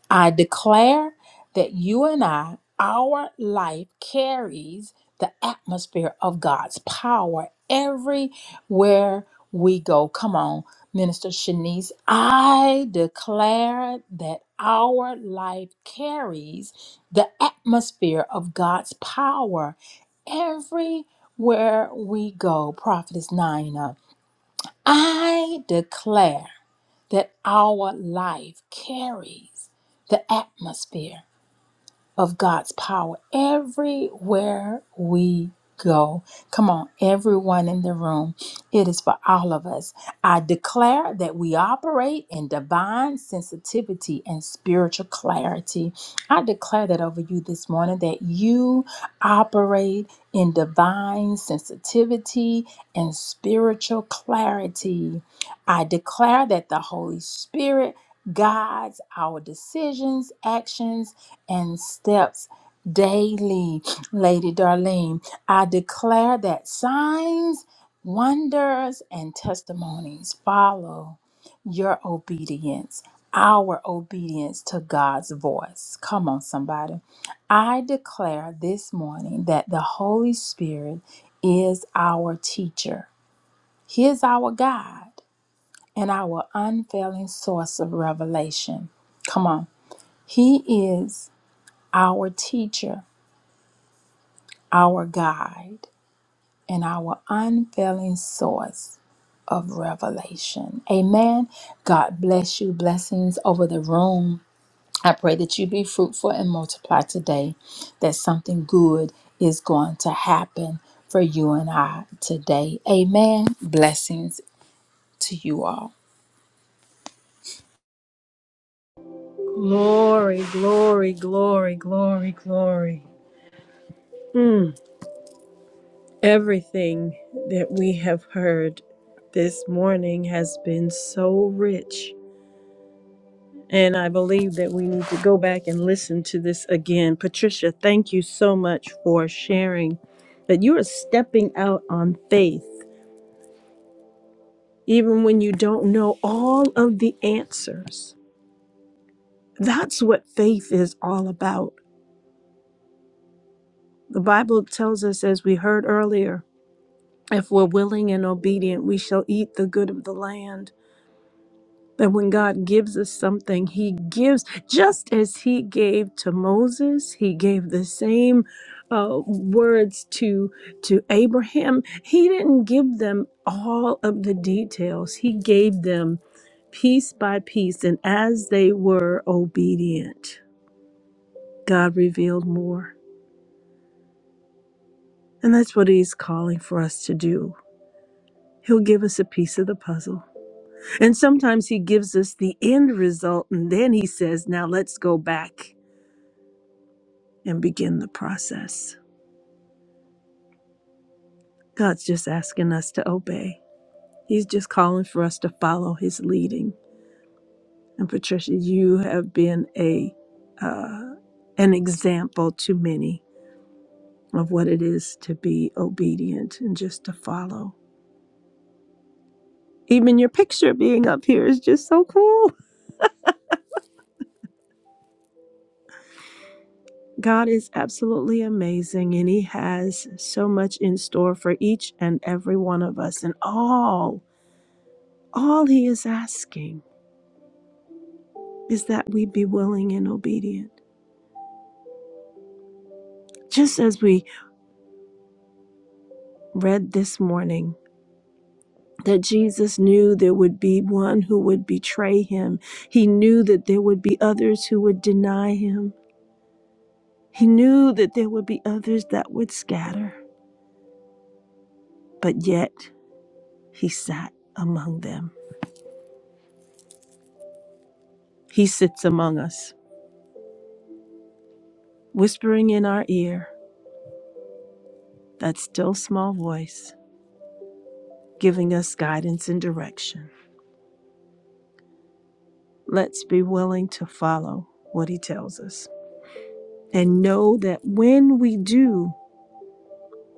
I declare that you and I, our life carries the atmosphere of God's power everywhere we go. Come on, Minister Shanice. I declare that our life carries the atmosphere of God's power everywhere we go. Prophetess Nina. I declare that our life carries the atmosphere of God's power everywhere we go. Come on, everyone in the room. It is for all of us. I declare that we operate in divine sensitivity and spiritual clarity. I declare that over you this morning that you operate in divine sensitivity and spiritual clarity. I declare that the Holy Spirit guides our decisions, actions, and steps daily. Lady Darlene, I declare that signs, wonders, and testimonies follow your obedience, our obedience to God's voice. Come on, somebody. I declare this morning that the Holy Spirit is our teacher, He is our guide and our unfailing source of revelation. Come on. He is our teacher, our guide, and our unfailing source of revelation. Amen. God bless you. Blessings over the room. I pray that you be fruitful and multiply today, that something good is going to happen for you and I today. Amen. Blessings to you all.
Glory, glory, glory, glory, glory. Mm. Everything that we have heard this morning has been so rich. And I believe that we need to go back and listen to this again. Patricia, thank you so much for sharing that you are stepping out on faith, even when you don't know all of the answers. That's what faith is all about. The Bible tells us, as we heard earlier. If we're willing and obedient, we shall eat the good of the land. That when God gives us something, He gives just as He gave to Moses, He gave the same uh, words to to Abraham. He didn't give them all of the details. He gave them piece by piece, and as they were obedient, God revealed more. And that's what He's calling for us to do. He'll give us a piece of the puzzle. And sometimes he gives us the end result and then he says, now let's go back and begin the process. God's just asking us to obey. He's just calling for us to follow his leading. And Patricia, you have been a uh, an example to many of what it is to be obedient and just to follow. Even your picture being up here is just so cool. God is absolutely amazing, and He has so much in store for each and every one of us. And all, all He is asking is that we be willing and obedient. Just as we read this morning, that Jesus knew there would be one who would betray him, He knew that there would be others who would deny him, He knew that there would be others that would scatter, but yet He sat among them. He sits among us. whispering in our ear, that still small voice, giving us guidance and direction. Let's be willing to follow what He tells us and know that when we do,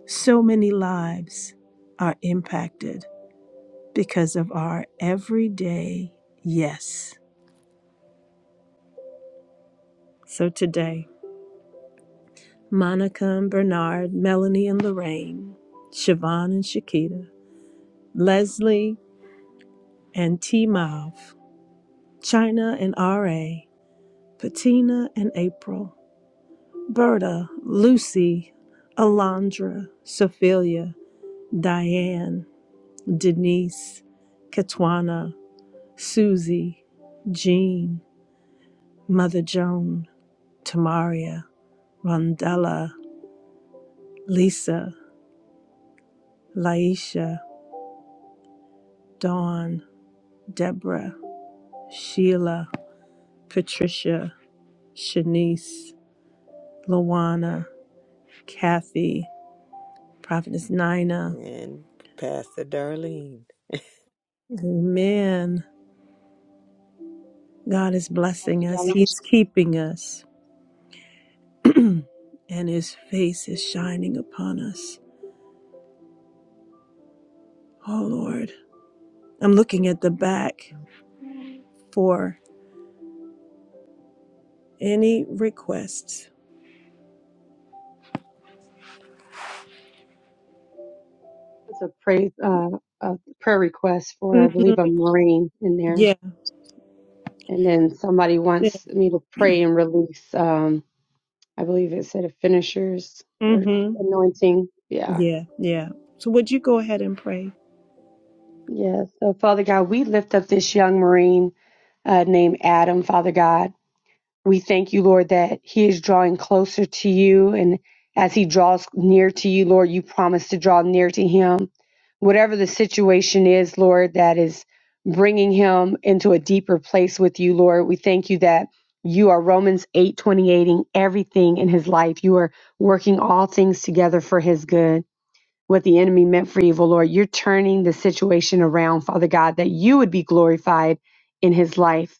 so many lives are impacted because of our everyday yes. So today, Monica and Bernard, Melanie and Lorraine, Siobhan and Shakita, Leslie and T Mav, China and RA, Patina and April, Berta, Lucy, Alondra, Sophia, Diane, Denise, Katwana, Susie, Jean, Mother Joan, Tamaria, Rondella, Lisa, Laisha, Dawn, Deborah, Sheila, Patricia, Shanice, Luana, Kathy, Prophetess Nina.
And Pastor Darlene,
Amen. God is
Pastor
blessing us,
Darlene,
He's keeping us, and His face is shining upon us. Oh Lord, I'm looking at the back for any requests.
it's a praise, uh, a prayer request for, I
Mm-hmm.
believe, a Marine in there.
Yeah,
And then somebody
yeah,
wants me to pray and release, um, I believe it said a finisher's or
mm-hmm.
anointing. Yeah.
yeah, yeah. So, would you go ahead and pray?
Yeah. So, Father God, we lift up this young Marine uh, named Adam, Father God. We thank you, Lord, that he is drawing closer to you. And as he draws near to you, Lord, you promise to draw near to him. Whatever the situation is, Lord, that is bringing him into a deeper place with you, Lord, we thank you that you are Romans eight twenty eighting everything in his life. You are working all things together for his good. What the enemy meant for evil, Lord, you're turning the situation around, Father God, that you would be glorified in his life.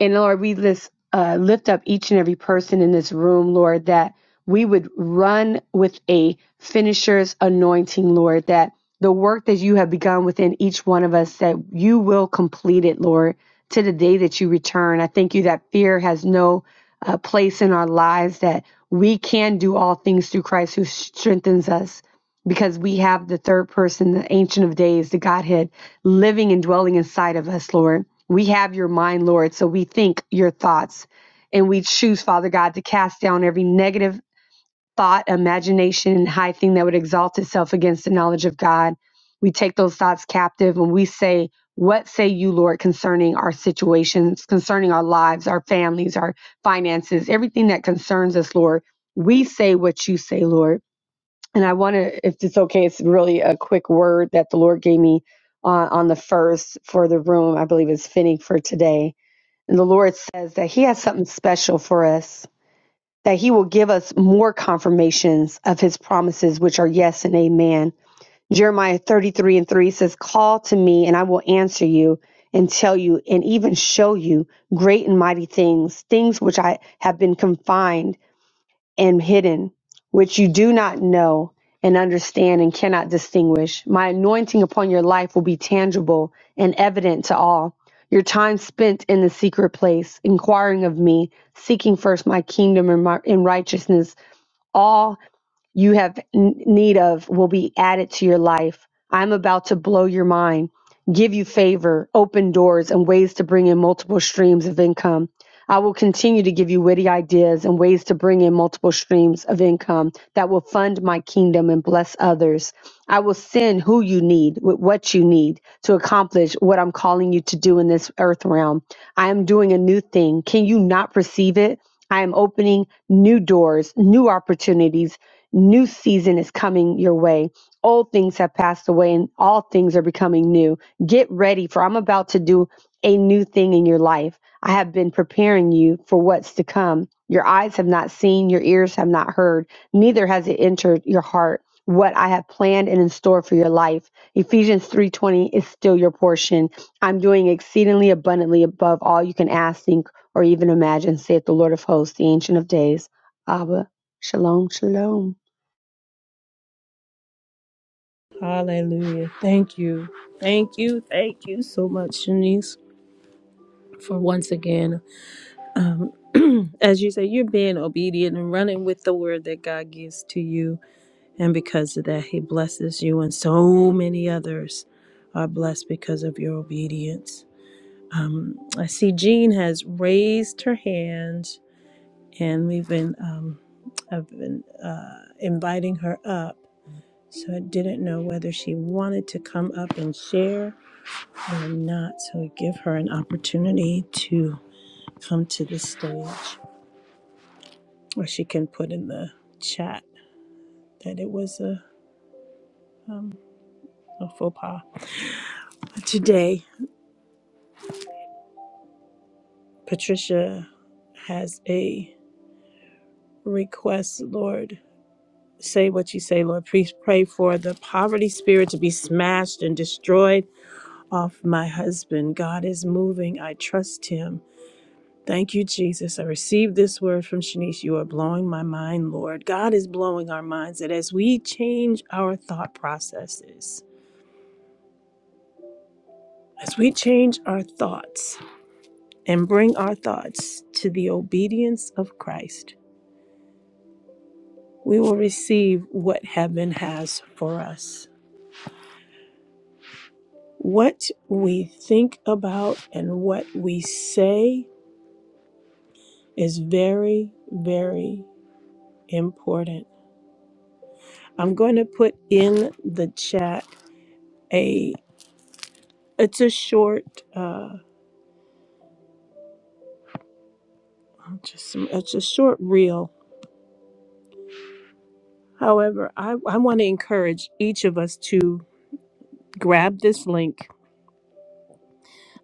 And Lord, we list, uh, lift up each and every person in this room, Lord, that we would run with a finisher's anointing, Lord, that the work that you have begun within each one of us, that you will complete it, Lord, to the day that you return. I thank you that fear has no uh, place in our lives, that we can do all things through Christ who strengthens us because we have the third person, the Ancient of Days, the Godhead living and dwelling inside of us, Lord. We have your mind, Lord, so we think your thoughts. And we choose, Father God, to cast down every negative thought, imagination, and high thing that would exalt itself against the knowledge of God. We take those thoughts captive and we say, What say you, Lord, concerning our situations, concerning our lives, our families, our finances, everything that concerns us, Lord? We say what you say, Lord and I want to, if it's okay, it's really a quick word that the Lord gave me uh, on the first for the room. I believe is fitting for today. And the Lord says that He has something special for us, that He will give us more confirmations of His promises, which are yes and amen. Jeremiah 33 and 3 says, Call to me, and I will answer you and tell you and even show you great and mighty things, things which I have been confined and hidden, which you do not know and understand and cannot distinguish. My anointing upon your life will be tangible and evident to all. Your time spent in the secret place, inquiring of me, seeking first my kingdom and, my, and righteousness, all you have n- need of will be added to your life. I'm about to blow your mind, give you favor, open doors, and ways to bring in multiple streams of income. I will continue to give you witty ideas and ways to bring in multiple streams of income that will fund my kingdom and bless others. I will send who you need with what you need to accomplish what I'm calling you to do in this earth realm. I am doing a new thing. Can you not perceive it? I am opening new doors, new opportunities. New season is coming your way. Old things have passed away and all things are becoming new. Get ready for I'm about to do a new thing in your life. I have been preparing you for what's to come. Your eyes have not seen, your ears have not heard, neither has it entered your heart what I have planned and in store for your life. Ephesians 3:20 is still your portion. I'm doing exceedingly abundantly above all you can ask, think, or even imagine, saith the Lord of hosts, the Ancient of Days, Abba, Shalom, Shalom.
Hallelujah. Thank you. Thank you. Thank you so much, Shanice, for once again, um, as you say, you're being obedient and running with the word that God gives to you And because of that, He blesses you, and so many others are blessed because of your obedience. Um, I see Jean has raised her hand, and we've been, um, I've been uh, inviting her up. So I didn't know whether she wanted to come up and share or not. So we give her an opportunity to come to the stage, or she can put in the chat that it was a, um, a faux pas today. Patricia has a request, Lord. Say what you say, Lord. Please pray for the poverty spirit to be smashed and destroyed off my husband. God is moving. I trust him. Thank you, Jesus. I received this word from Shanice. You are blowing my mind, Lord. God is blowing our minds that as we change our thought processes, as we change our thoughts and bring our thoughts to the obedience of Christ, we will receive what heaven has for us. What we think about and what we say is very, very important. I'm going to put in the chat a it's a short uh just it's a short reel. However, I, I want to encourage each of us to grab this link.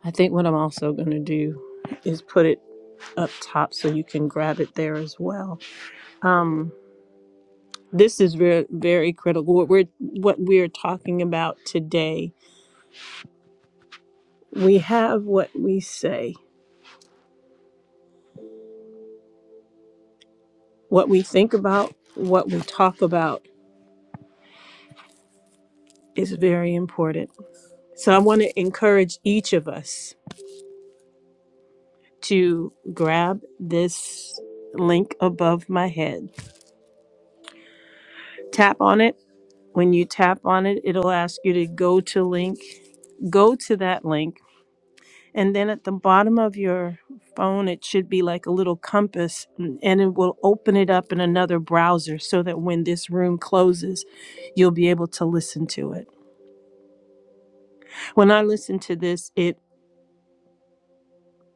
I think what I'm also going to do is put it up top so you can grab it there as well. Um. This is very, very critical. What we're what we're talking about today. We have what we say, what we think about, what we talk about is very important. So I want to encourage each of us to grab this link above my head. Tap on it. When you tap on it, it'll ask you to go to link, go to that link And then at the bottom of your phone, it should be like a little compass, and and it will open it up in another browser so that when this room closes, you'll be able to listen to it. When I listened to this, it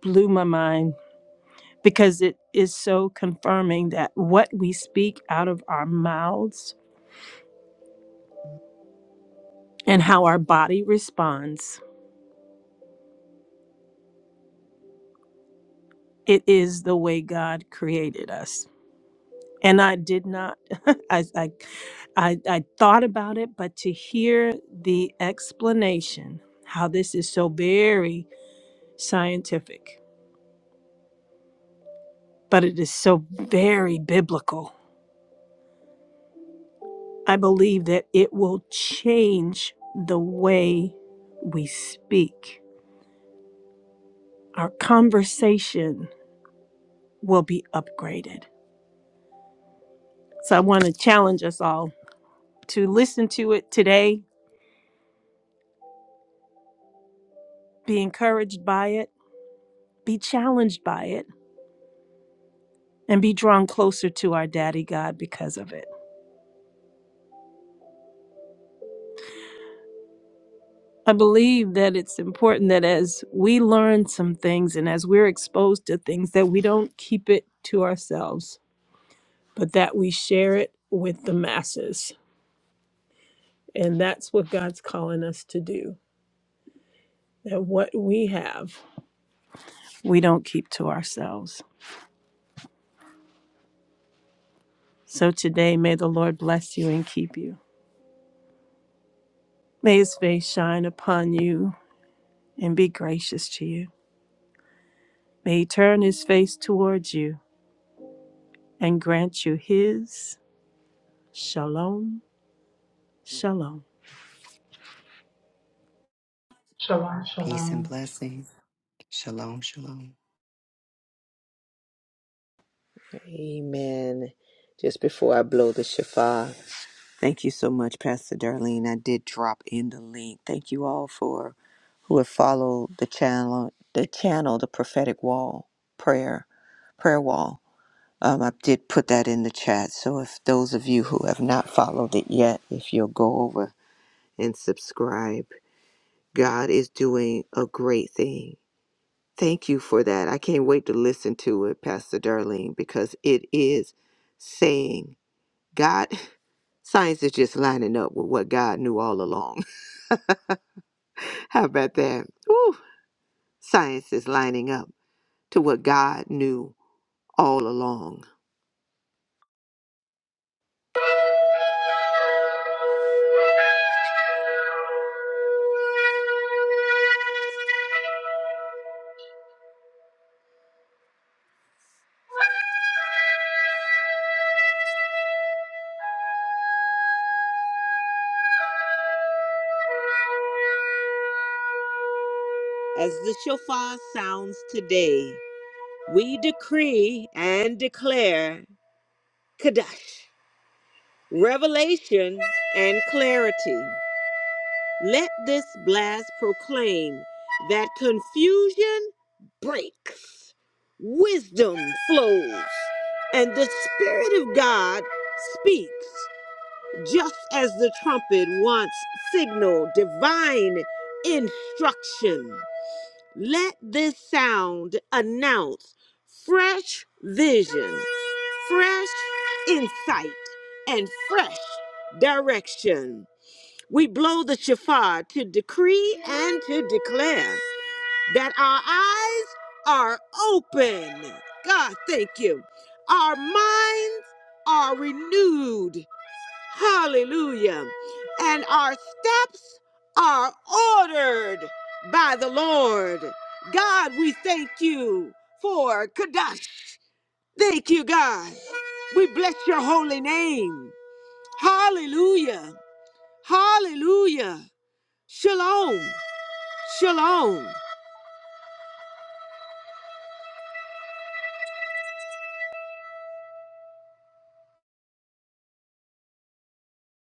blew my mind because it is so confirming that what we speak out of our mouths and how our body responds, it is the way God created us. and I did not. I, I I I thought about it, but to hear the explanation how this is so very scientific, but it is so very biblical. I believe that it will change the way we speak. Our conversation will be upgraded. So I want to challenge us all to listen to it today, be encouraged by it, be challenged by it and be drawn closer to our daddy God because of it. I believe that it's important that as we learn some things and as we're exposed to things, that we don't keep it to ourselves, but that we share it with the masses. And that's what God's calling us to do. That what we have, we don't keep to ourselves. So today, may the Lord bless you and keep you. May his face shine upon you and be gracious to you. May he turn his face towards you and grant you his shalom, shalom.
Shalom,
Peace and
shalom.
blessing. Shalom, shalom.
amen. Just before I blow the shofar, Thank you so much, Pastor Darlene. I did drop in the link. Thank you all for who have followed the channel, the channel, the prophetic wall prayer, prayer wall. Um, I did put that in the chat. So if those of you who have not followed it yet, if you'll go over and subscribe, God is doing a great thing. Thank you for that. I can't wait to listen to it, Pastor Darlene, because it is saying God, science is just lining up with what God knew all along. How about that? Woo! Science is lining up to what God knew all along. As the shofar sounds today, we decree and declare Kadash, revelation, and clarity. Let this blast proclaim that confusion breaks, wisdom flows, and the Spirit of God speaks, just as the trumpet once signaled divine instruction. Let this sound announce fresh vision, fresh insight, and fresh direction. We blow the shofar to decree and to declare that our eyes are open. God, thank you. Our minds are renewed. Hallelujah. And our steps are ordered by the Lord. God, we thank you for Kadash. Thank you, God. We bless your holy name. Hallelujah. Hallelujah. Shalom. Shalom.